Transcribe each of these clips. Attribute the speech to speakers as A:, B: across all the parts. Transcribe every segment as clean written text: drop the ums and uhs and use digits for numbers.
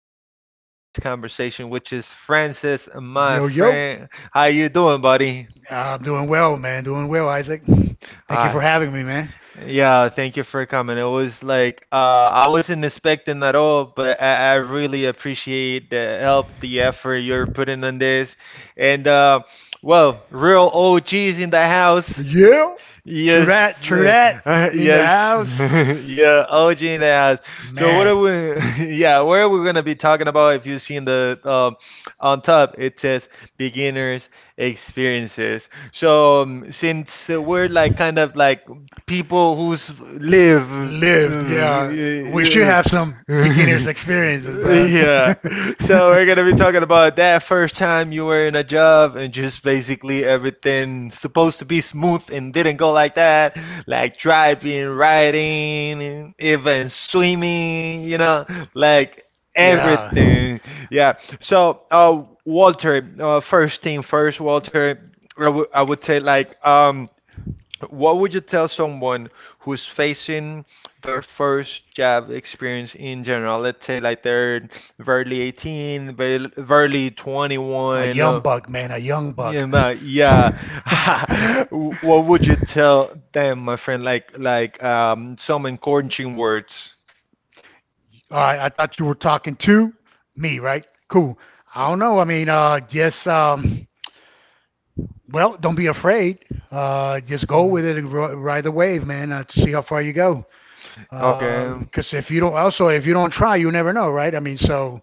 A: for today's conversation, which is Francis, my friend. How you doing, buddy?
B: I'm doing well, man. Doing well, Isaac.
A: Hi.
B: For having me, man.
A: Yeah, thank you for coming. It was like I wasn't expecting at all, but I really appreciate the help, the effort you're putting on this. And well, real OGs in the house.
B: Yeah. True
A: Yes, uh,
B: that.
A: yes,
B: House.
A: yeah, OG in the house. So what are we? Yeah, what are we gonna be talking about? If you've seen the on top, it says beginners experiences. So since we're like kind of like people who's live,
B: Yeah. We should
A: yeah,
B: have some experiences.
A: yeah, so we're gonna be talking about that first time you were in a job and just basically everything supposed to be smooth and didn't go like that, like driving, riding, and even swimming, you know, like everything. Yeah. So, Walter, first thing first, Walter, I would say like what would you tell someone who's facing their first job experience in general? Let's say like they're barely 18, barely
B: A
A: 21.
B: young buck, man, a young buck.
A: Yeah, man, yeah.
B: Yeah.
A: What would you tell them, my friend? Like some encouraging words.
B: All right, I thought you were talking to me, right? Cool. I don't know. I mean, just well, don't be afraid. Just go
A: Mhm.
B: with it and ride the wave, man, to see how far you go.
A: Okay.
B: Because if you don't, also if you don't try, you never know, right? I mean, so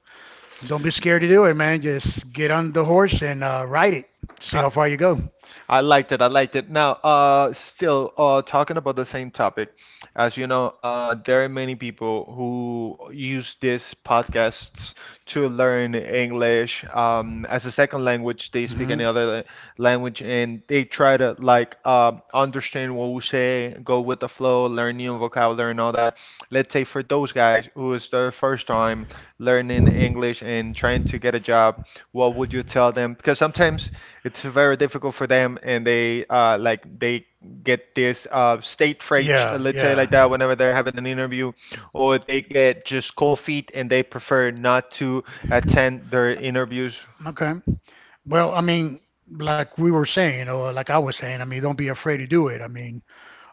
B: don't be scared to do it, man. Just get on the horse and ride it. See
A: I,
B: how far you go.
A: I liked it. I liked it. Now, still, talking about the same topic, as you know, there are many people who use these podcasts to learn English, as a second language. They speak
B: Hmm.
A: any other language and they try to like understand what we say, go with the flow, learn new vocabulary and all that. Let's say for those guys who is their first time learning English and trying to get a job, what would you tell them? Because sometimes it's very difficult for them, and they like they get
B: They.
A: this state fright,
B: Yeah,
A: let's say
B: yeah.
A: like that, whenever they're having an interview, or they get just cold feet and they prefer not to attend their interviews.
B: Interview. Okay. Well, I mean, like we were saying, like I was saying, I mean, don't be afraid to do it. I mean,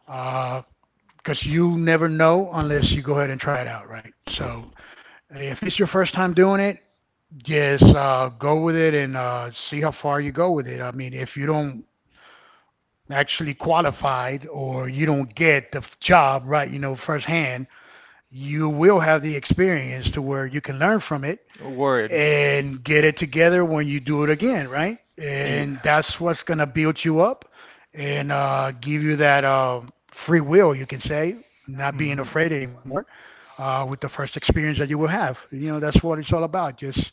B: uh, because you never know unless you go ahead and try it out, right? So if it's your first time doing it, just go with it and see how far you go with it. I mean, if you don't actually qualified or you don't get the job right, firsthand, you will have the experience to where you can learn from it
A: Word.
B: and get it together when you do it again, right?
A: Yeah.
B: And that's what's going to build you up and give you that free will, you can say, not being
A: Mhm.
B: afraid anymore with the first experience that you will have. You know, that's what it's all about. Just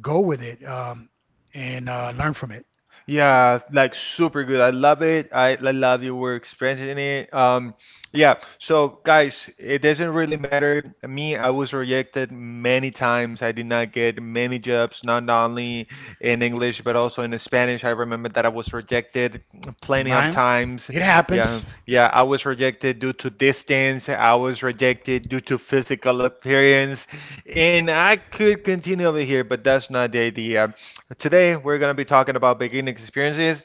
B: go with it and
A: Okay.
B: learn from it.
A: Yeah, like super good. I love it. I love you. We're experiencing it. Yeah. So guys, it doesn't really matter. Me, I was rejected many times. I did not get many jobs, not only in English but also in Spanish. I remember that I was rejected plenty of
B: Mine,
A: times.
B: it
A: Yeah,
B: happens.
A: yeah. I was rejected due to distance. I was rejected due to physical appearance, and I could continue over here, but that's not the idea. Today we're going to be talking about beginning experiences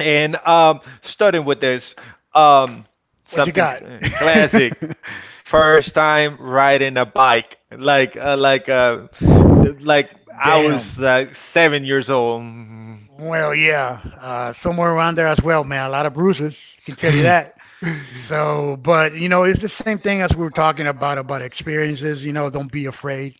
A: and starting with this um,
B: What you
A: something
B: got?
A: classic.
B: Mine.
A: First time riding a bike, like like I
B: Damn.
A: was like 7 years old.
B: Well, yeah, somewhere around there as well, man. A lot of bruises, can tell you that. So, but you know, it's the same thing as we were talking about experiences. You know, don't be afraid.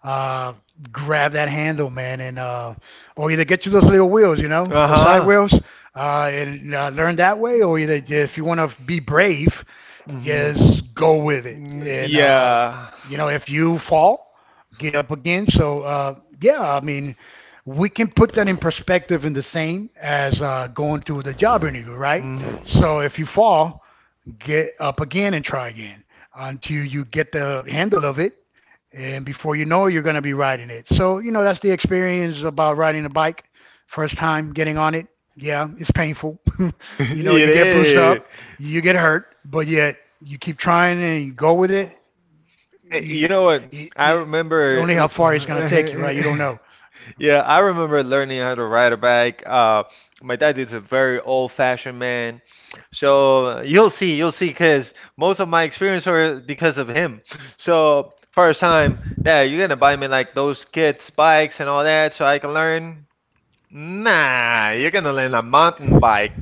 B: Uh, grab that handle, man, and or either get you those little wheels, you know,
A: Uh
B: the side
A: huh.
B: wheels, and learn that way, or either if you want to be brave,
A: Mhm.
B: just go with it.
A: Mm.
B: And
A: Yeah.
B: you know, if you fall, get up again. So yeah, I mean, we can put that in perspective in the same as going to the job interview, right?
A: Mm.
B: So if you fall get up again and try again until you get the handle of it. And before you know, you're going to be riding it. So, you know, that's the experience about riding a bike. First time getting on it. Yeah, it's painful. You know,
A: It
B: you get bruised
A: is.
B: up, you get hurt, but yet you keep trying and you go with it. You,
A: You
B: you, know
A: know what?
B: you,
A: I
B: you, you
A: remember.
B: only how far it's going to take you, right? You don't know.
A: Yeah, I remember learning how to ride a bike. My dad is a very old-fashioned man, so you'll see, because most of my experience were because of him. So first time, Dad, you're gonna buy me like those kids' bikes and all that, so I can learn. Nah, you're gonna learn a mountain bike.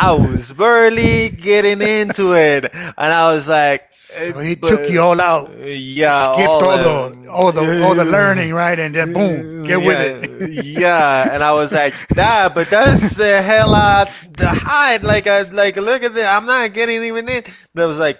B: I was
A: was barely
B: getting
A: getting
B: it.
A: into it, and I was like, eh,
B: So he took you
A: but
B: all out,
A: yeah,
B: skipped
A: all
B: all the
A: yeah,
B: learning, right? And then boom, get with it.
A: yeah, and I was like, that, but that's a hell out the height. Like, I, like, look at this. I'm not getting even in. That was like,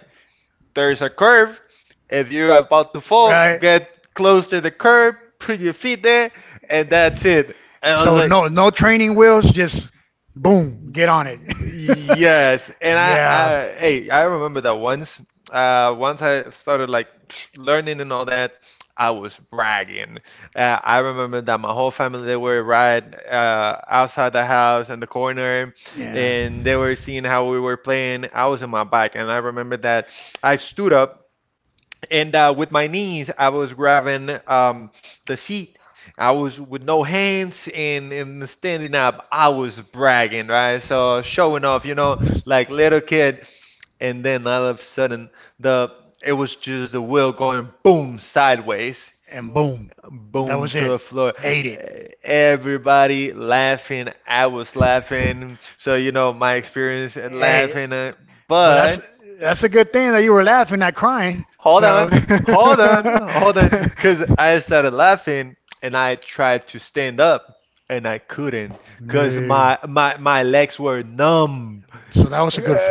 A: there's a curve. If you're about to fall,
B: Right.
A: get close to the curb, put your feet there, and that's it. And I was
B: So
A: like.
B: no training wheels, just boom, get on it.
A: Yes, and
B: Yeah.
A: hey, I remember that once. Once I started like learning and all that, I was bragging. I remember that my whole family they were right outside the house in the corner,
B: Yeah.
A: and they were seeing how we were playing. I was in my bike, and I remember that I stood up and with my knees, I was grabbing the seat. I was with no hands and standing up. I was bragging, right? So showing off, you know, like little kid. And then all of a sudden, the it was just the wheel going boom sideways,
B: And boom, that
A: boom
B: was
A: to
B: it.
A: the floor.
B: Ate it.
A: Everybody laughing. I was laughing. So you know my experience at laughing, but
B: That's a good thing that you were laughing, not crying. of
A: hold on,
B: them,
A: hold on,
B: all.
A: hold on, because I started laughing and I tried to stand up and I couldn't because my, my, my legs were numb.
B: So that was
A: Uh,
B: a good.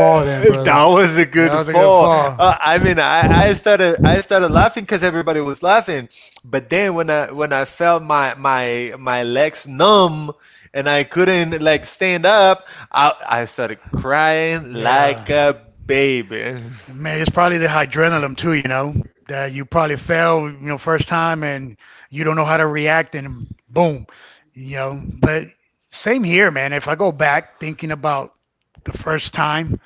A: That was a good fall. I mean, I started laughing because everybody was laughing, but then when I felt my legs numb and I couldn't like stand up, I started crying like
B: Yeah.
A: a baby.
B: Man, it's probably the adrenaline too, that you probably fell, first time and you don't know how to react and boom. But same here, man. If I go back thinking about the first time,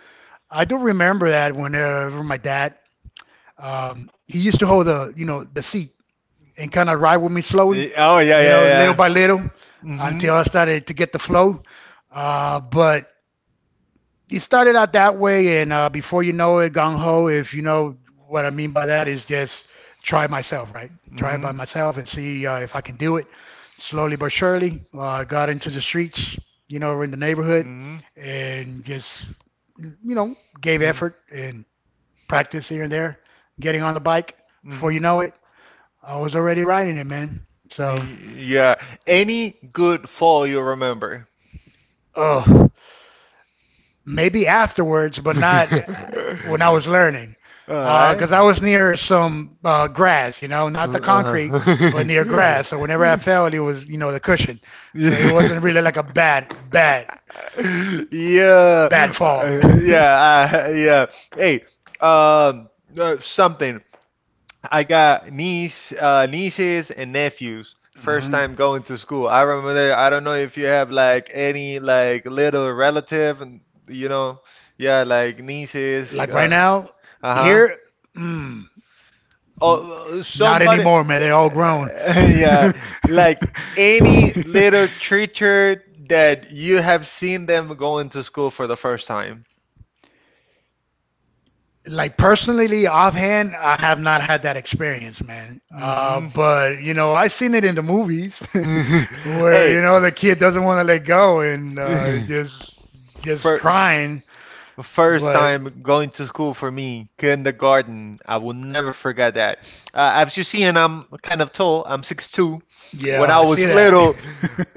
B: I do remember that whenever my dad, he used to hold the seat and kind of ride with me slowly,
A: Oh yeah, yeah,
B: little by little.
A: yeah.
B: Mhm.
A: Mhm.
B: Until I started to get the flow. But it started out that way, and before you know it, Gung Ho. If you know what I mean by that, is just try myself, right? Try it
A: Mhm.
B: by myself and see if I can do it. Slowly but surely, I got into the streets, in the neighborhood,
A: Mhm.
B: and just you know gave
A: Mhm.
B: effort and practice here and there, getting on the bike. Before you
A: Mhm.
B: know it, I was already riding it, man.
A: So
B: So,
A: Yeah. Any good fall you remember?
B: oh,
A: All
B: maybe
A: right.
B: afterwards, but not when I was learning. Because I was near some grass, not the
A: Huh.
B: concrete, but near grass. So whenever I fell, it was, the cushion. So it
A: Yeah.
B: wasn't really like a bad, bad,
A: Yeah.
B: bad fall.
A: Yeah. Yeah. Hey, um, something. I got nieces and nephews. First
B: Mhm.
A: time going to school. I remember that. I don't know if you have like any like little relative and you know, yeah, like nieces.
B: Like right now,
A: Uh-huh.
B: here, mm,
A: Oh,
B: not
A: somebody.
B: anymore, man. They're all grown.
A: Yeah,
B: Maybe.
A: like any little creature that you have seen them going to school for the first time.
B: Like personally offhand, I have not had that experience, man,
A: Hmm.
B: but you know I've seen it in the movies where
A: Hey.
B: you know the kid doesn't want to let go and just just
A: For
B: crying,
A: first
B: but
A: time going to school for me, kindergarten. I will never forget that. As you see, and I'm kind of tall. I'm 6'2".
B: yeah
A: When I
B: I see
A: was
B: that.
A: little,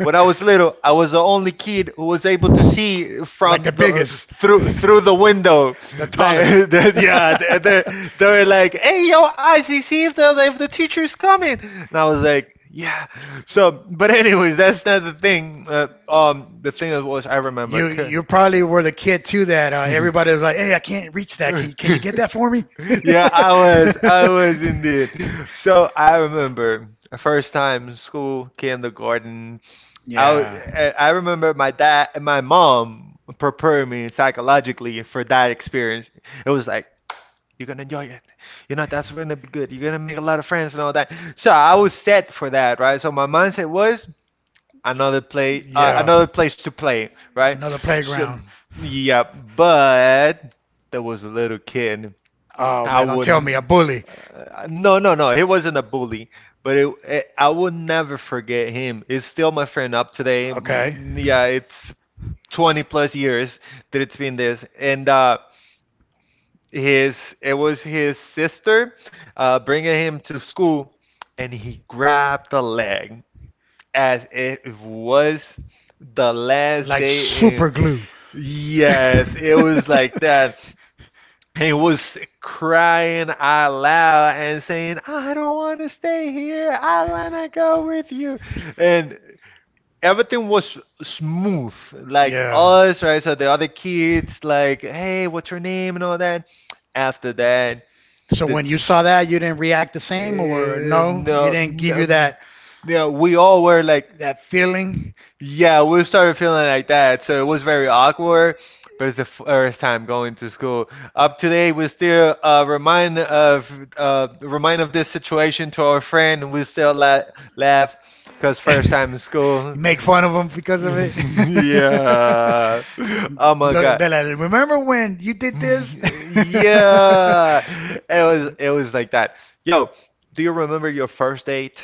A: When I was little, I was the only kid who was able to
B: From
A: see
B: like
A: from
B: the
A: the
B: biggest,
A: through the window.
B: the tallest.
A: Like, yeah, they were like, "Hey, yo, Isaac, see if the teacher's coming." And I was like, "Yeah." So, but anyways, that's not the thing. The thing that was I remember.
B: You you probably were the kid too that everybody was like, "Hey, I can't reach that. Can you can you get that for me?"
A: Yeah, I was indeed. So I remember first time school, kindergarten. I was-
B: Yeah, I
A: I remember my dad and my mom preparing me psychologically for that experience. It was like you're gonna enjoy it. You know that's gonna be good. You're gonna make a lot of friends and all that. So I was
B: yeah.
A: set for that, right? So my mindset was another play,
B: Yeah.
A: another place to play, right?
B: Another
A: So
B: playground.
A: yeah, but there was a little kid.
B: Oh
A: I
B: man, don't tell
A: wouldn't.
B: me a bully.
A: No. He wasn't a bully, but I will never forget him. He's still my friend up today.
B: Okay.
A: Yeah, it's 20 plus years that it's been this, and his it was his sister bringing him to school, and he grabbed the leg as it was the last
B: Like
A: day in
B: super glue.
A: Yes, it was like that. He was crying out loud and saying, I don't want to stay here. I want to go with you. And everything was smooth. Like
B: Yeah.
A: us, right? So the other kids, like, hey, what's your name and all that. After that,
B: So
A: the
B: when you saw that, you didn't react the same, or
A: Eh,
B: no, it
A: no,
B: didn't give you
A: no,
B: that
A: yeah, we all were like,
B: that feeling.
A: yeah, we started feeling like that, so it was very awkward. But it's the first time going to school. Up today, we still remind of this situation to our friend. And we still la laugh because first time in school.
B: You make fun of them because of it.
A: Yeah. Oh my
B: Look,
A: God.
B: they're like, remember when you did this?
A: Yeah. It was like that. Yo, do you remember your first date?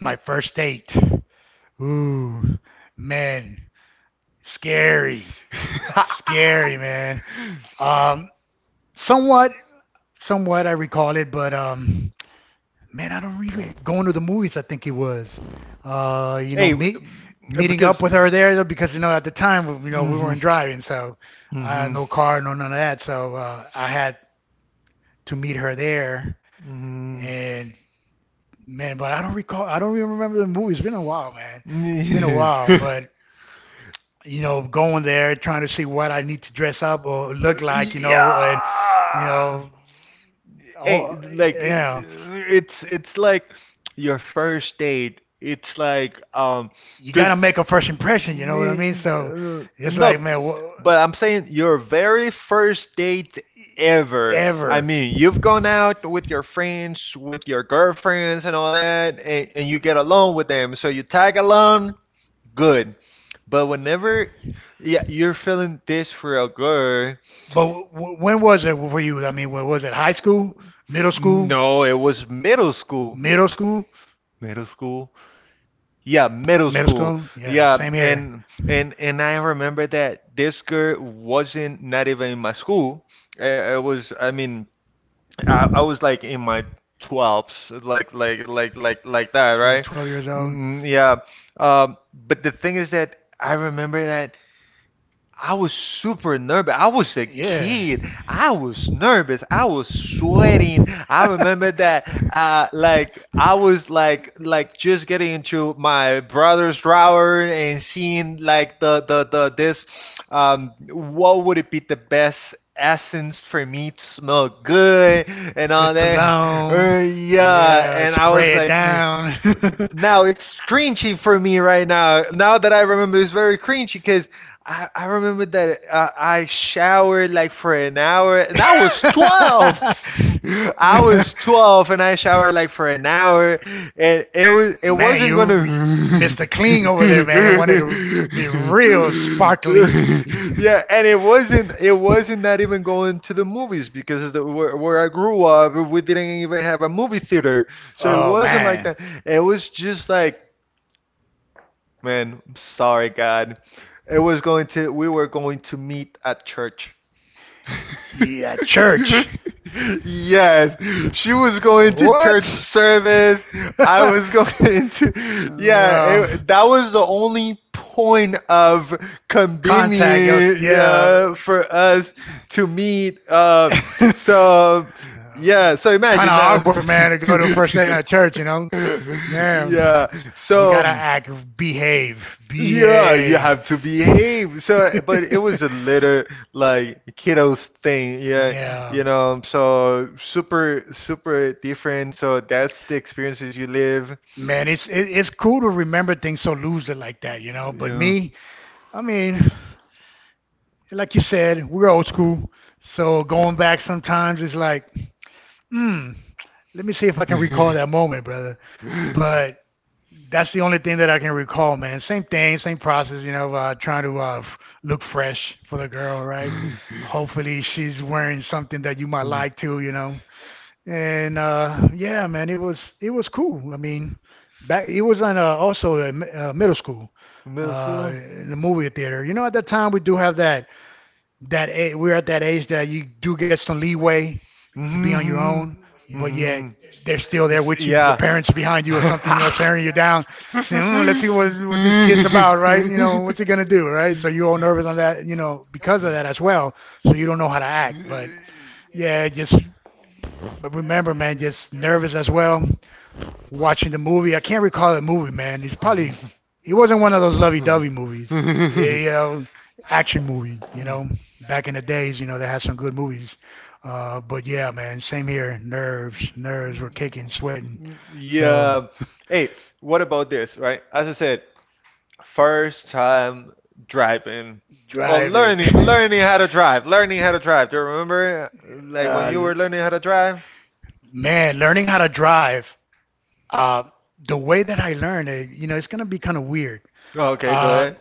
B: My first date. Ooh, man, scary, scary, man. Um, somewhat, somewhat, I recall it, but man, I don't even going to the movies. I think it was, uh, you know,
A: Hey,
B: meet meeting up
A: because.
B: with her there though, because at the time we
A: Mm-hmm.
B: weren't driving,
A: So.
B: so I had
A: Mm-hmm.
B: no car, none of that. So
A: So
B: I had to meet her there,
A: uh,
B: and man, but I don't recall. I don't even remember the movie. It's been a while, man. It's been a
A: mm-hmm.
B: while, but going there trying to see what I need to dress up or look like, and you
A: Yeah.
B: know.
A: Hey,
B: Oh,
A: like it,
B: yeah.
A: it's like your first date. It's like
B: You gotta
A: because
B: make a first impression. You know what I mean? So
A: no,
B: it's like, man, what?
A: but I'm saying your very first date ever. I mean, you've gone out with your friends, with your girlfriends, and all that, and you get along with them. So you tag along, good. But whenever, yeah, you're feeling this for a girl.
B: But when was it for you? I mean, was it high school, middle school,
A: No, it was middle school.
B: school,
A: Middle school. Yeah, middle school.
B: school?
A: Yeah, and I remember that this girl wasn't not even in my school. I mean, I was like in my 12s, like that, right?
B: 12 years old.
A: Mm, yeah. But the thing is that I remember that. I was super nervous. I was a kid. I was nervous. I was sweating. I remember that like I was like just getting into my brother's drawer and seeing like the this what would it be the best essence for me to smell good and all that.
B: Cologne.
A: Yeah, and I was like "Nah."
B: Down.
A: Now it's cringy for me right now. Now that I remember, it's very cringy because I remember that I showered like for an hour and I was 12.
B: Was.
A: I was 12 and I showered like for an hour and
B: And
A: it wasn't going to
B: Mr. Clean be real sparkly.
A: Yeah, and it wasn't not even going to the movies because the, where I grew up, we didn't even have a movie theater. So it wasn't like that. It was just like Man, I'm sorry, God. It was going to, We were going to meet at church.
B: Yeah, church. was-
A: Yes, she was going to church service. I was yeah, that was the only point of
B: Contact, yo.
A: convenience,
B: Continue.
A: yeah,
B: Yeah.
A: for us to meet.
B: Um,
A: So, yeah, so
B: Kind of
A: imagine now.
B: awkward, man, to go to a first date at church, you know? Yeah. You.
A: Yeah,
B: So
A: so.
B: gotta act, behave,
A: Yeah,
B: yeah,
A: you have to
B: you behave.
A: behave. So, but it was a little like kiddos thing.
B: Yeah.
A: Yeah,
B: Yeah.
A: so super, super different. So that's the experiences you live.
B: Man, it's cool to remember things so loosely like that, you know. But
A: Yeah.
B: me, I mean, like you said, we're old school. So going back sometimes it's like, hmm, let me see if I can recall that moment, brother. But that's the only thing that I can recall, man. Same thing, same process, trying to look fresh for the girl, right? Hopefully she's wearing something that you might like too. And yeah, man, it was cool. I mean, back it was on also middle school,
A: Middle school?
B: in the movie theater. You know, at that time we do have we're at that age that you do get some leeway to be
A: Mm
B: on your own,
A: hmm
B: but yet
A: hmm,
B: they're still there with you. The
A: yeah.
B: parents behind you or something, staring you down, saying, "Let's see what this kid's about, right? You know, what's he gonna do, right?" So you're all nervous on that, because of that as well. So you don't know how to act. But yeah, just but remember, man, just nervous as well watching the movie. I can't recall the movie, man. It wasn't one of those lovey-dovey movies. Yeah, you know, action movie. You know, back in the days, they had some good movies. But yeah, man, same here. Nerves were kicking, sweating. So
A: Yeah.
B: yeah.
A: Hey, what about this, right? As I said, first time driving or
B: Driving.
A: learning how to drive,
B: It?
A: do you remember
B: You
A: like when you were learning how to drive?
B: Man, learning how to drive, uh, the way that I learned it, it's gonna be kind of weird.
A: Oh, okay, go
B: Uh,
A: ahead.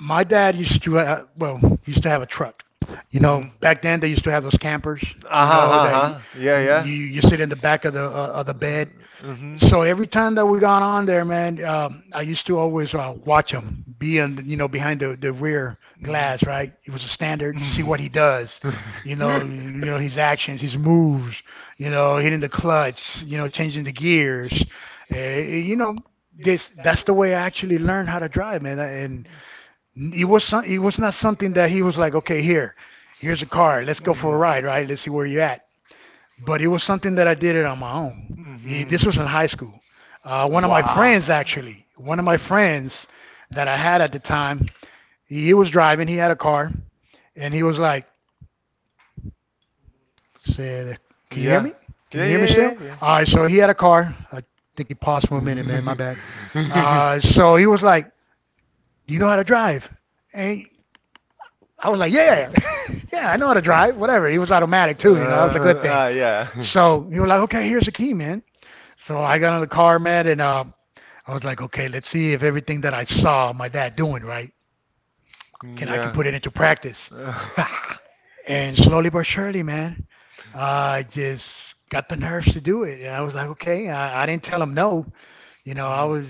B: My dad used to have a truck. You know,
A: Mm-hmm.
B: back then they used to have those campers. You
A: Uh-huh.
B: know that you.
A: Uh-huh. Yeah,
B: Yeah, yeah.
A: yeah.
B: You sit in the back of the bed.
A: Mm-hmm.
B: So every time that we got on there, man, I used to always watch him be in, behind the rear glass.
A: Mm-hmm.
B: Right, it was a standard to see what he does. You know his actions, his moves. You know, hitting the clutch. You know, changing the gears. You know, this that's the way I actually learned how to drive, man. And it was not something that he was like, okay, here's a car, let's go for a ride, right? Let's see where you're at. But it was something that I did it on my own.
A: Mm-hmm.
B: This was in high school. One of my
A: Wow.
B: friends, actually, one of my friends that I had at the time, he was driving. He had a car, and he was like, "Said, can you hear
A: Yeah.
B: me? Can
A: Yeah,
B: you hear me still?"
A: yeah, yeah,
B: All right, so he had a car. I think he paused for a minute, man. My bad.
A: yeah.
B: So he was like, "Do you know how to drive?" And I was like, yeah, yeah, yeah, I know how to drive, whatever. He was automatic too, you know, that was a good thing.
A: Yeah.
B: So he was like, okay, here's the key, man. So I got in the car, man, and I was like, okay, let's see if everything that I saw my dad doing, right, can
A: Yeah.
B: put it into practice.
A: You
B: And slowly but surely, man, I just got the nerves to do it. And I was like, okay, I didn't tell him no. You know,
A: Mm,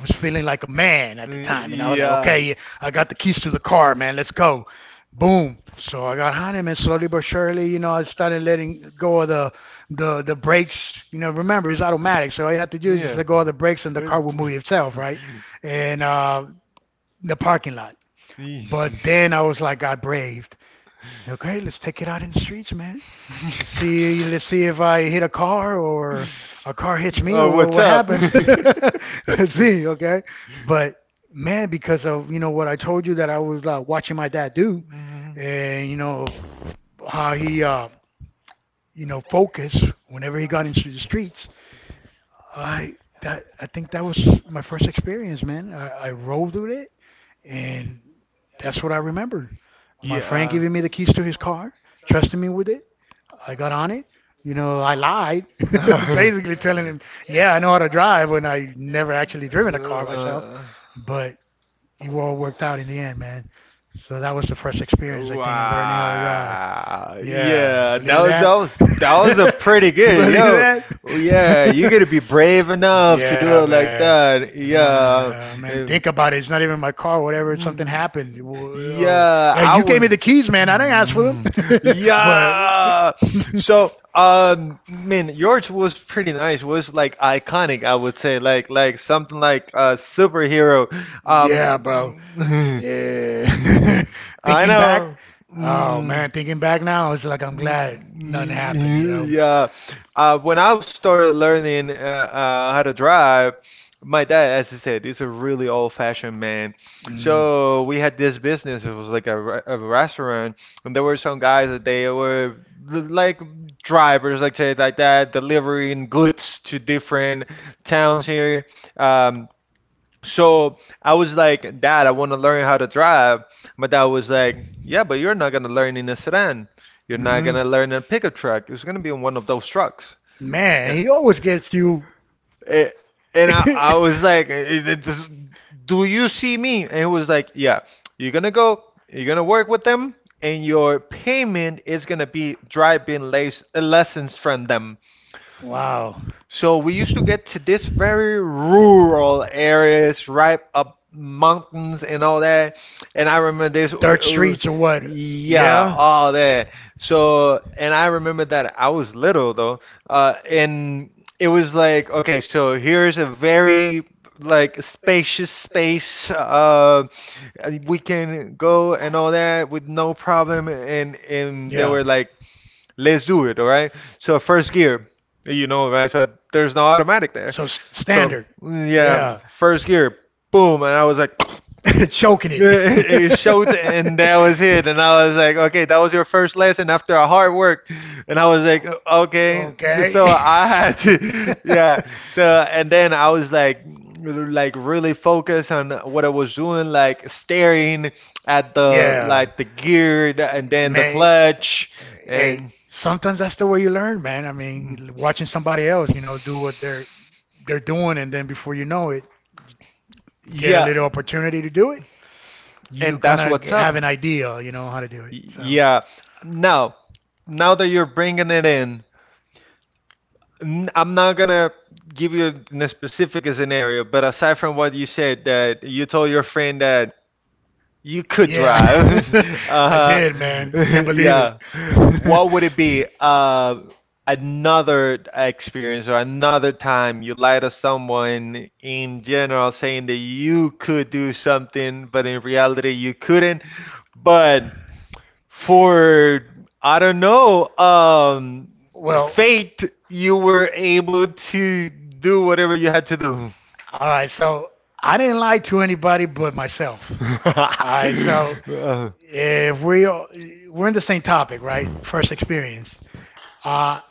B: I was feeling like a man at the time, you know, like,
A: yeah.
B: okay, I got the keys to the car, man, let's go. Boom. So I got on him and slowly but surely, you know, I started letting go of the the brakes. You know, remember it's automatic, so all you had to do is just
A: Yeah.
B: let go of the brakes and the
A: Uh,
B: car will move itself,
A: Yeah.
B: right? And the parking lot.
A: But then,
B: But then
A: you
B: I was like, I braved. Okay, let's take it out in the streets, man. Let's see if I hit a car or a car hits me or
A: Oh, what's
B: what
A: up?
B: happens. Let's see, okay? But man, because of you know what I told you that I was watching my dad do,
A: Mhm.
B: and you know how he you know focused whenever he got into the streets. I I think that was my first experience, man. I rolled with it, and that's what I remember. My friend
A: Yeah.
B: giving me the keys to his car, trusting me with it I got on it. You know, I lied, basically telling him, yeah, I know how to drive when I never actually
A: Uh, uh,
B: driven a car myself.
A: uh.
B: But it all worked out in the end, man. So that was the first experience, I think, in learning how to drive.
A: Wow.
B: Yeah,
A: Yeah, that
B: believe
A: was
B: that?
A: that was that was a pretty good.
B: Believe
A: Yo.
B: that?
A: Yeah, you got to be brave enough to do
B: Yeah,
A: it like
B: man.
A: that. Yeah.
B: My, man,
A: and-
B: think about it. It's not even my car, whatever. If something
A: Mm,
B: happened, oh,
A: yeah,
B: yeah,
A: I
B: you gave me the
A: would.
B: keys, man. I didn't ask for them.
A: Mm,
B: But
A: yeah. So, man, yours was pretty nice. Was like iconic, I would say, like something like a superhero. Um,
B: yeah, bro. Yeah.
A: I
B: Thinking back,
A: know.
B: oh
A: Mm,
B: man, thinking back now, it's like I'm glad nothing happened, you
A: mm,
B: know?
A: yeah. When I was started learning how to drive, my dad, as I said, is a really old-fashioned man.
B: Mm.
A: So we had this business. It was like a restaurant, and there were some guys that they were like drivers, like say like that, delivering goods to different towns here. Um, so I was like, "Dad, I want to learn how to drive." My dad was like, "Yeah, but you're not going to learn in a sedan. You're not going
B: hmm
A: to learn in a pickup truck. It's going to be in one of those trucks."
B: Man,
A: And,
B: he always gets you.
A: Eh, and I was like, eh, eh, this- "Do you see me?" And he was like, "Yeah, you're going to go, you're going to work with them, and your payment is going to be driving lessons from them."
B: Wow.
A: So we used to get to this very rural areas, right up mountains and all that. And I remember this,
B: Dirt
A: uh,
B: streets or what?
A: yeah,
B: Yeah.
A: all that. So, and I remember that I was little though, and it was like, okay, so here's a very like spacious space. We can go and all that with no problem. And they
B: Yeah.
A: were like, "Let's do it, all right?" So first gear, right? So there's no automatic there.
B: So
A: So
B: standard.
A: yeah,
B: Yeah.
A: first gear, boom, and I was like,
B: Choking
A: it
B: it.
A: showed, and that was it. And I was like, okay, that was your first lesson after a hard work. And I was like, okay,
B: Okay.
A: so I had to, yeah. So and then I was like really focused on what I was doing, like staring at
B: Yeah.
A: the gear and then the
B: Man,
A: clutch,
B: hey,
A: and
B: sometimes that's the way you learn, man. I
A: Mm,
B: mean, watching somebody else, you know, do what they're doing, and then before you know it, get a
A: yeah,
B: little opportunity to do it. You
A: and
B: kind
A: that's
B: of
A: what's up.
B: have an idea, you know, how to do it.
A: Like,
B: So,
A: yeah. Now, now that you're bringing it in, I'm not gonna give you a specific scenario, but aside from what you said, that you told your friend that you could
B: yeah,
A: drive.
B: I
A: Uh,
B: did, man. Can't believe
A: yeah.
B: it.
A: What would it be? Another experience or another time you lie to someone in general saying that you could do something, but in reality you couldn't. But for, I don't know,
B: Well, with
A: fate, you were able to do whatever you had to do.
B: all right. So I didn't lie to anybody but myself. All right. So
A: Uh,
B: if we are, we're in the same topic, right? First experience. Uh,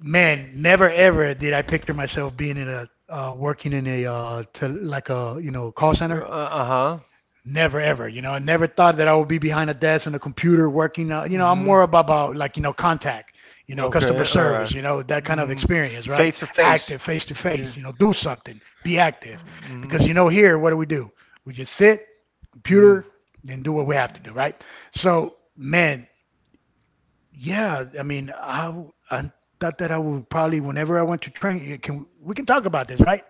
B: Man, never ever did I picture myself being in a working in a to like a you know call center.
A: huh.
B: Never ever, you know, I never thought that I would be behind a desk and a computer working. You know, I'm more about like you know contact,
A: Hmm. You
B: you know,
A: know,
B: customer service, you know, that kind of experience, right?
A: face to
B: Active, face to face, you know, do something, be active,
A: Mm
B: because you know here, what do? We just sit, computer, and do what we have to do, right? So, man, yeah, I mean, I thought that I would probably whenever I went to train, can we can talk about this, right?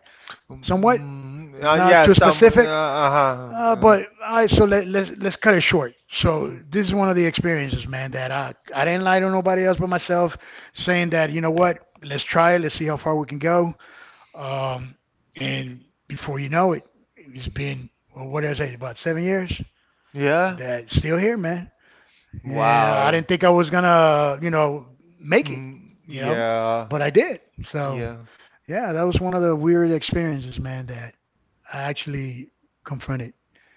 B: Somewhat
A: hmm.
B: not too
A: Yeah. That.
B: specific.
A: Uh, huh.
B: But I so let let's cut it short. So
A: Mm.
B: this is one of the experiences, man, that I didn't lie to nobody else but myself, saying that you know what, let's try it, let's see how far we can go. Um, and before you know it, it's been well, what did I say about 7 years?
A: Yeah.
B: That's still here, man. And I
A: Wow.
B: didn't think I was gonna, you know, make it,
A: Mm,
B: you know,
A: yeah.
B: but I did. So
A: Yeah.
B: yeah, that was one of the weird experiences, man. That I actually confront it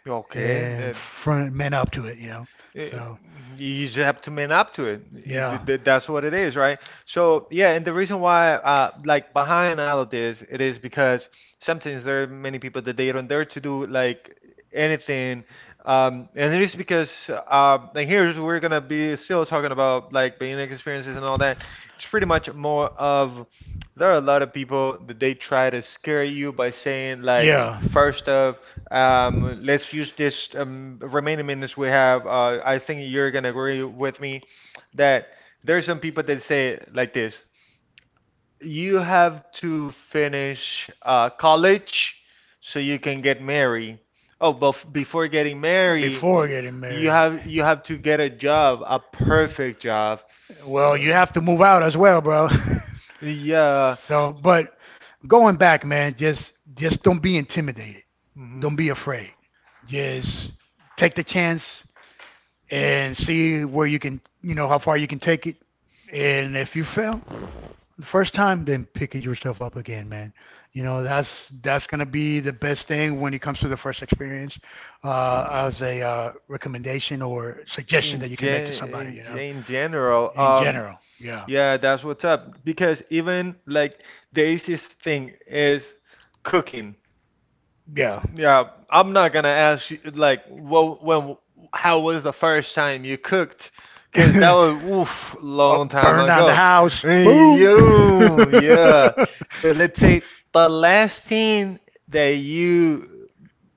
A: Okay.
B: and
A: That,
B: front man up to it, you know.
A: Eh,
B: So
A: you just have to man up to it.
B: yeah,
A: That's what it is, right? So yeah, and the reason why, like behind all of this, it is because sometimes there are many people that they don't dare to do like anything, and it is because, like here's we're gonna be still talking about like being experiences and all that. It's pretty much more of there are a lot of people that they try to scare you by saying like,
B: yeah.
A: first off, let's use this remaining minutes we have. I think you're gonna agree with me that there are some people that say it like this: you have to finish college so you can get married. Oh, but before getting married, you have to get a job, a perfect job.
B: Well,
A: Uh,
B: you have to move out as well, bro.
A: yeah.
B: So, but going back, man, just don't be intimidated. Don't
A: Mhm.
B: be afraid. Just take the chance and see where you can, you know, how far you can take it. And if you fail the first time, then pick yourself up again, man. You know, that's gonna be the best thing when it comes to the first experience, as a recommendation or suggestion that you can make to somebody. You know,
A: In general,
B: in general, general, yeah, yeah.
A: yeah, that's
B: That's
A: what's
B: what's
A: up.
B: up.
A: Because
B: Because even
A: even
B: like,
A: like the easiest thing is cooking. Yeah, I'm not gonna ask you like what when how was the first time you cooked? 'Cause that was oof long time
B: Burn time down the ago,
A: ago.
B: house, it boom.
A: Yeah.
B: Still,
A: But let's
B: yeah,
A: say the last thing that you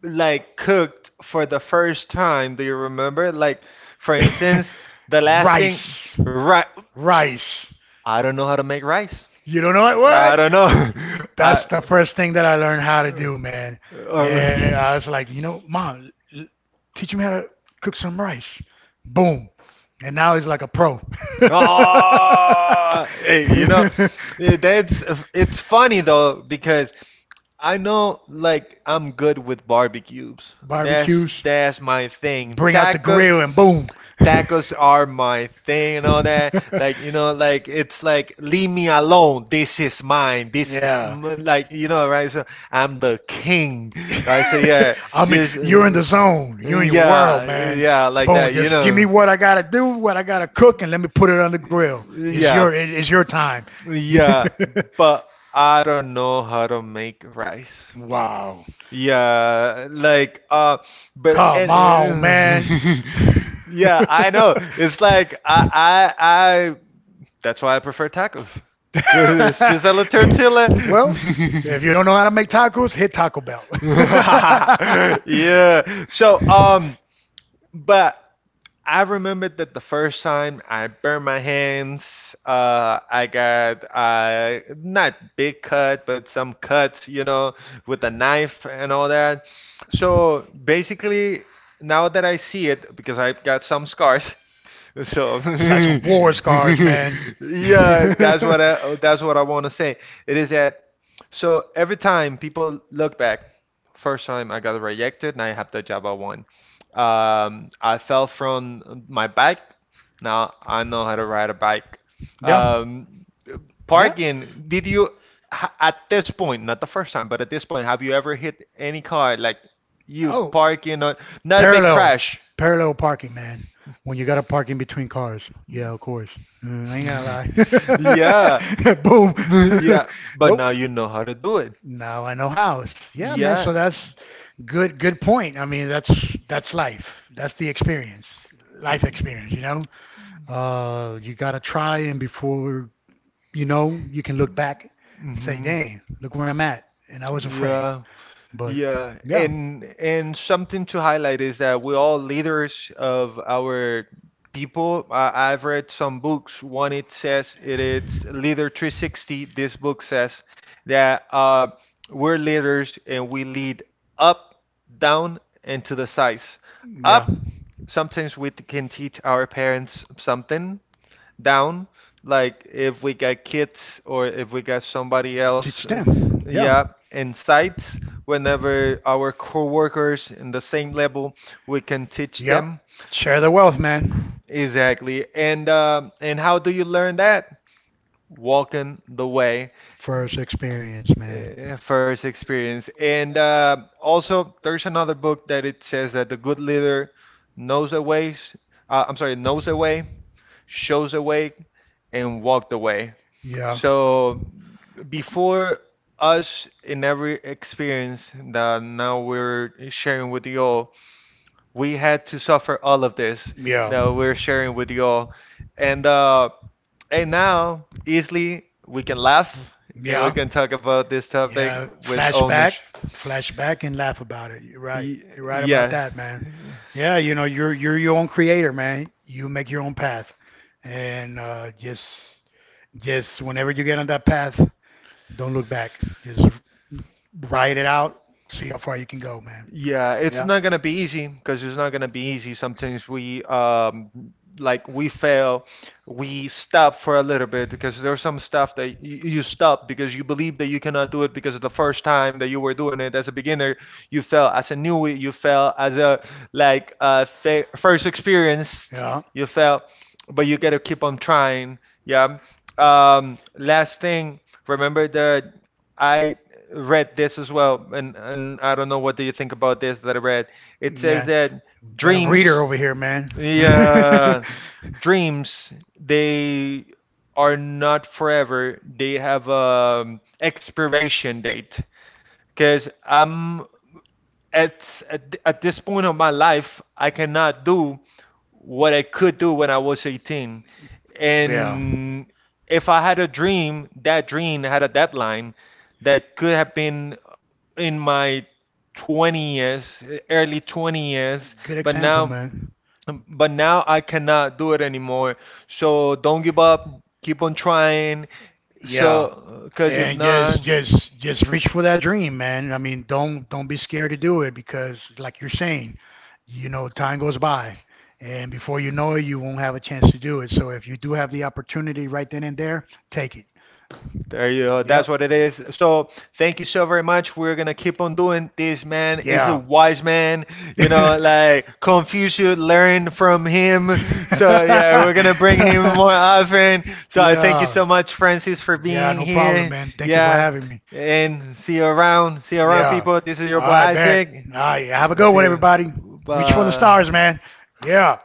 A: like cooked for the first time, do you remember? Like for instance, the last thing,
B: rice.
A: right?
B: Rice.
A: I don't know how to make rice.
B: You don't know it?
A: I
B: What?
A: don't know.
B: That's
A: I.
B: the first thing that I learned how to do, man.
A: Uh,
B: And I was like, you know, mom, teach me how to cook some rice. Boom. And now he's like a pro.
A: oh, hey, that's it's funny though because I know like I'm good with barbecues. That's
B: Barbecues,
A: that's my thing.
B: bring out the
A: Tacos
B: grill and boom. Those
A: tacos are my thing and all that. Like, like it's like leave me alone. This is mine. This is
B: yeah.
A: like, you know, right? So I'm the king. Right? So yeah,
B: I mean,
A: just
B: you're in the zone. You're in your world,
A: yeah,
B: man.
A: yeah, like that,
B: Boom.
A: you
B: Just give me
A: know.
B: what I gotta do, what I gotta cook, and let me put it on the grill. It's
A: Yeah.
B: your, it's your time.
A: Yeah, but I don't know how to make rice.
B: Wow.
A: Yeah, like but
B: Come
A: and
B: on, man.
A: yeah, I know. It's like I. That's why I prefer tacos. It's just a la tortilla.
B: Well, if you don't know how to make tacos, hit Taco Bell.
A: yeah. So but I remember that the first time I burned my hands, I got not big cut, but some cuts, with a knife and all that. So basically, now that I see it, because I've got some scars, so
B: Got
A: yeah,
B: some war scars, man.
A: that's what I want to say. It is that so every time people look back, first time I got rejected, now I have the Java one. I fell from my bike. Now I know how to ride a bike.
B: Yeah.
A: Um,
B: Yeah.
A: parking, at this point, not the first time, but at this point, have you ever hit any car like you
B: Oh,
A: parking or not a big
B: parallel,
A: crash?
B: parallel parking, man. When you gotta park in between cars. Yeah, of course. I ain't gonna
A: Yeah.
B: lie. Boom.
A: Yeah, but
B: Oh,
A: now you know how to do it.
B: now I know how. Yeah, man.
A: Yeah.
B: So that's good. Good point. I mean, that's life. That's the experience. Life experience. You know. You gotta try and before you know, you can look back and say,
A: Hmm.
B: dang, look where I'm at. And I was afraid.
A: Yeah.
B: But
A: Yeah,
B: yeah,
A: and something to highlight is that we're all leaders of our people. I've read some books. One it says it is Leader 360. This book says that we're leaders and we lead up, down, and to the sides.
B: yeah.
A: Up, sometimes we can teach our parents something down. Like if we got kids or if we got somebody else,
B: Teach them. Yeah.
A: yeah,
B: Yep.
A: in sights, whenever our coworkers in the same level, we can teach them.
B: Share the wealth, man.
A: Exactly. And how do you learn that? Walking the way,
B: First experience, man.
A: first experience. And uh also, there's another book that it says that the good leader knows the ways. I'm sorry, knows the way, shows away, and walked away.
B: Yeah.
A: So before us in every experience that now we're sharing with you all, we had to suffer all of this
B: Yeah.
A: that we're sharing with you all. And uh and now easily we can laugh and we
B: Yeah.
A: can talk about this topic
B: Yeah,
A: with
B: flashback,
A: ownership.
B: flashback, and laugh about it. You're right.
A: Y-
B: You're right about
A: yes.
B: that, man. Yeah, you know, you're your own creator, man. You make your own path, and just whenever you get on that path, don't look back. Just ride it out. See how far you can go, man.
A: Yeah, it's
B: Yeah.
A: not gonna be easy because it's not gonna be easy. Sometimes we fail, we stop for a little bit because there's some stuff that you stop because you believe that you cannot do it because the first time that you were doing it as a beginner, you fell as a newbie, you fell as a like fa first experienced,
B: Yeah.
A: you fell, but you gotta keep on trying. Yeah. Last thing, remember that I read this as well, and I don't know what do you think about this that I read. It says
B: Yeah.
A: that
B: Got a reader
A: dreams,
B: over here, man.
A: yeah, dreams they are not forever. They have a expiration date. Because I'm at, at this point of my life, I cannot do what I could do when I was 18.
B: Yeah.
A: And if I had a dream, that dream had a deadline that could have been in my 20s, early 20s,
B: Good
A: but
B: example,
A: now
B: man.
A: but now I cannot do it anymore. So don't give up, keep on trying.
B: Yeah.
A: So cuz if
B: And
A: not,
B: just reach for that dream, man. I mean, don't be scared to do it because like you're saying, you know, time goes by and before you know it, you won't have a chance to do it. So if you do have the opportunity right then and there, take it.
A: there you go. That's
B: Yep.
A: what it is. So thank you so very much. We're gonna keep on doing this. Man is a
B: Yeah.
A: wise man. You know, like Confucius learned from him. So yeah, we're gonna bring him more often. So I thank you
B: Yeah.
A: so much, Francis, for
B: Community. Yeah,
A: being
B: no problem,
A: here.
B: man. Thank you for
A: Yeah,
B: having me.
A: and see you around. See you around,
B: Yeah.
A: people. This is your
B: All
A: boy
B: right, bet.
A: Isaac.
B: All right, yeah, have a
A: And
B: good
A: see
B: one,
A: you.
B: everybody. Reach for the
A: Bye.
B: stars, man. Yeah.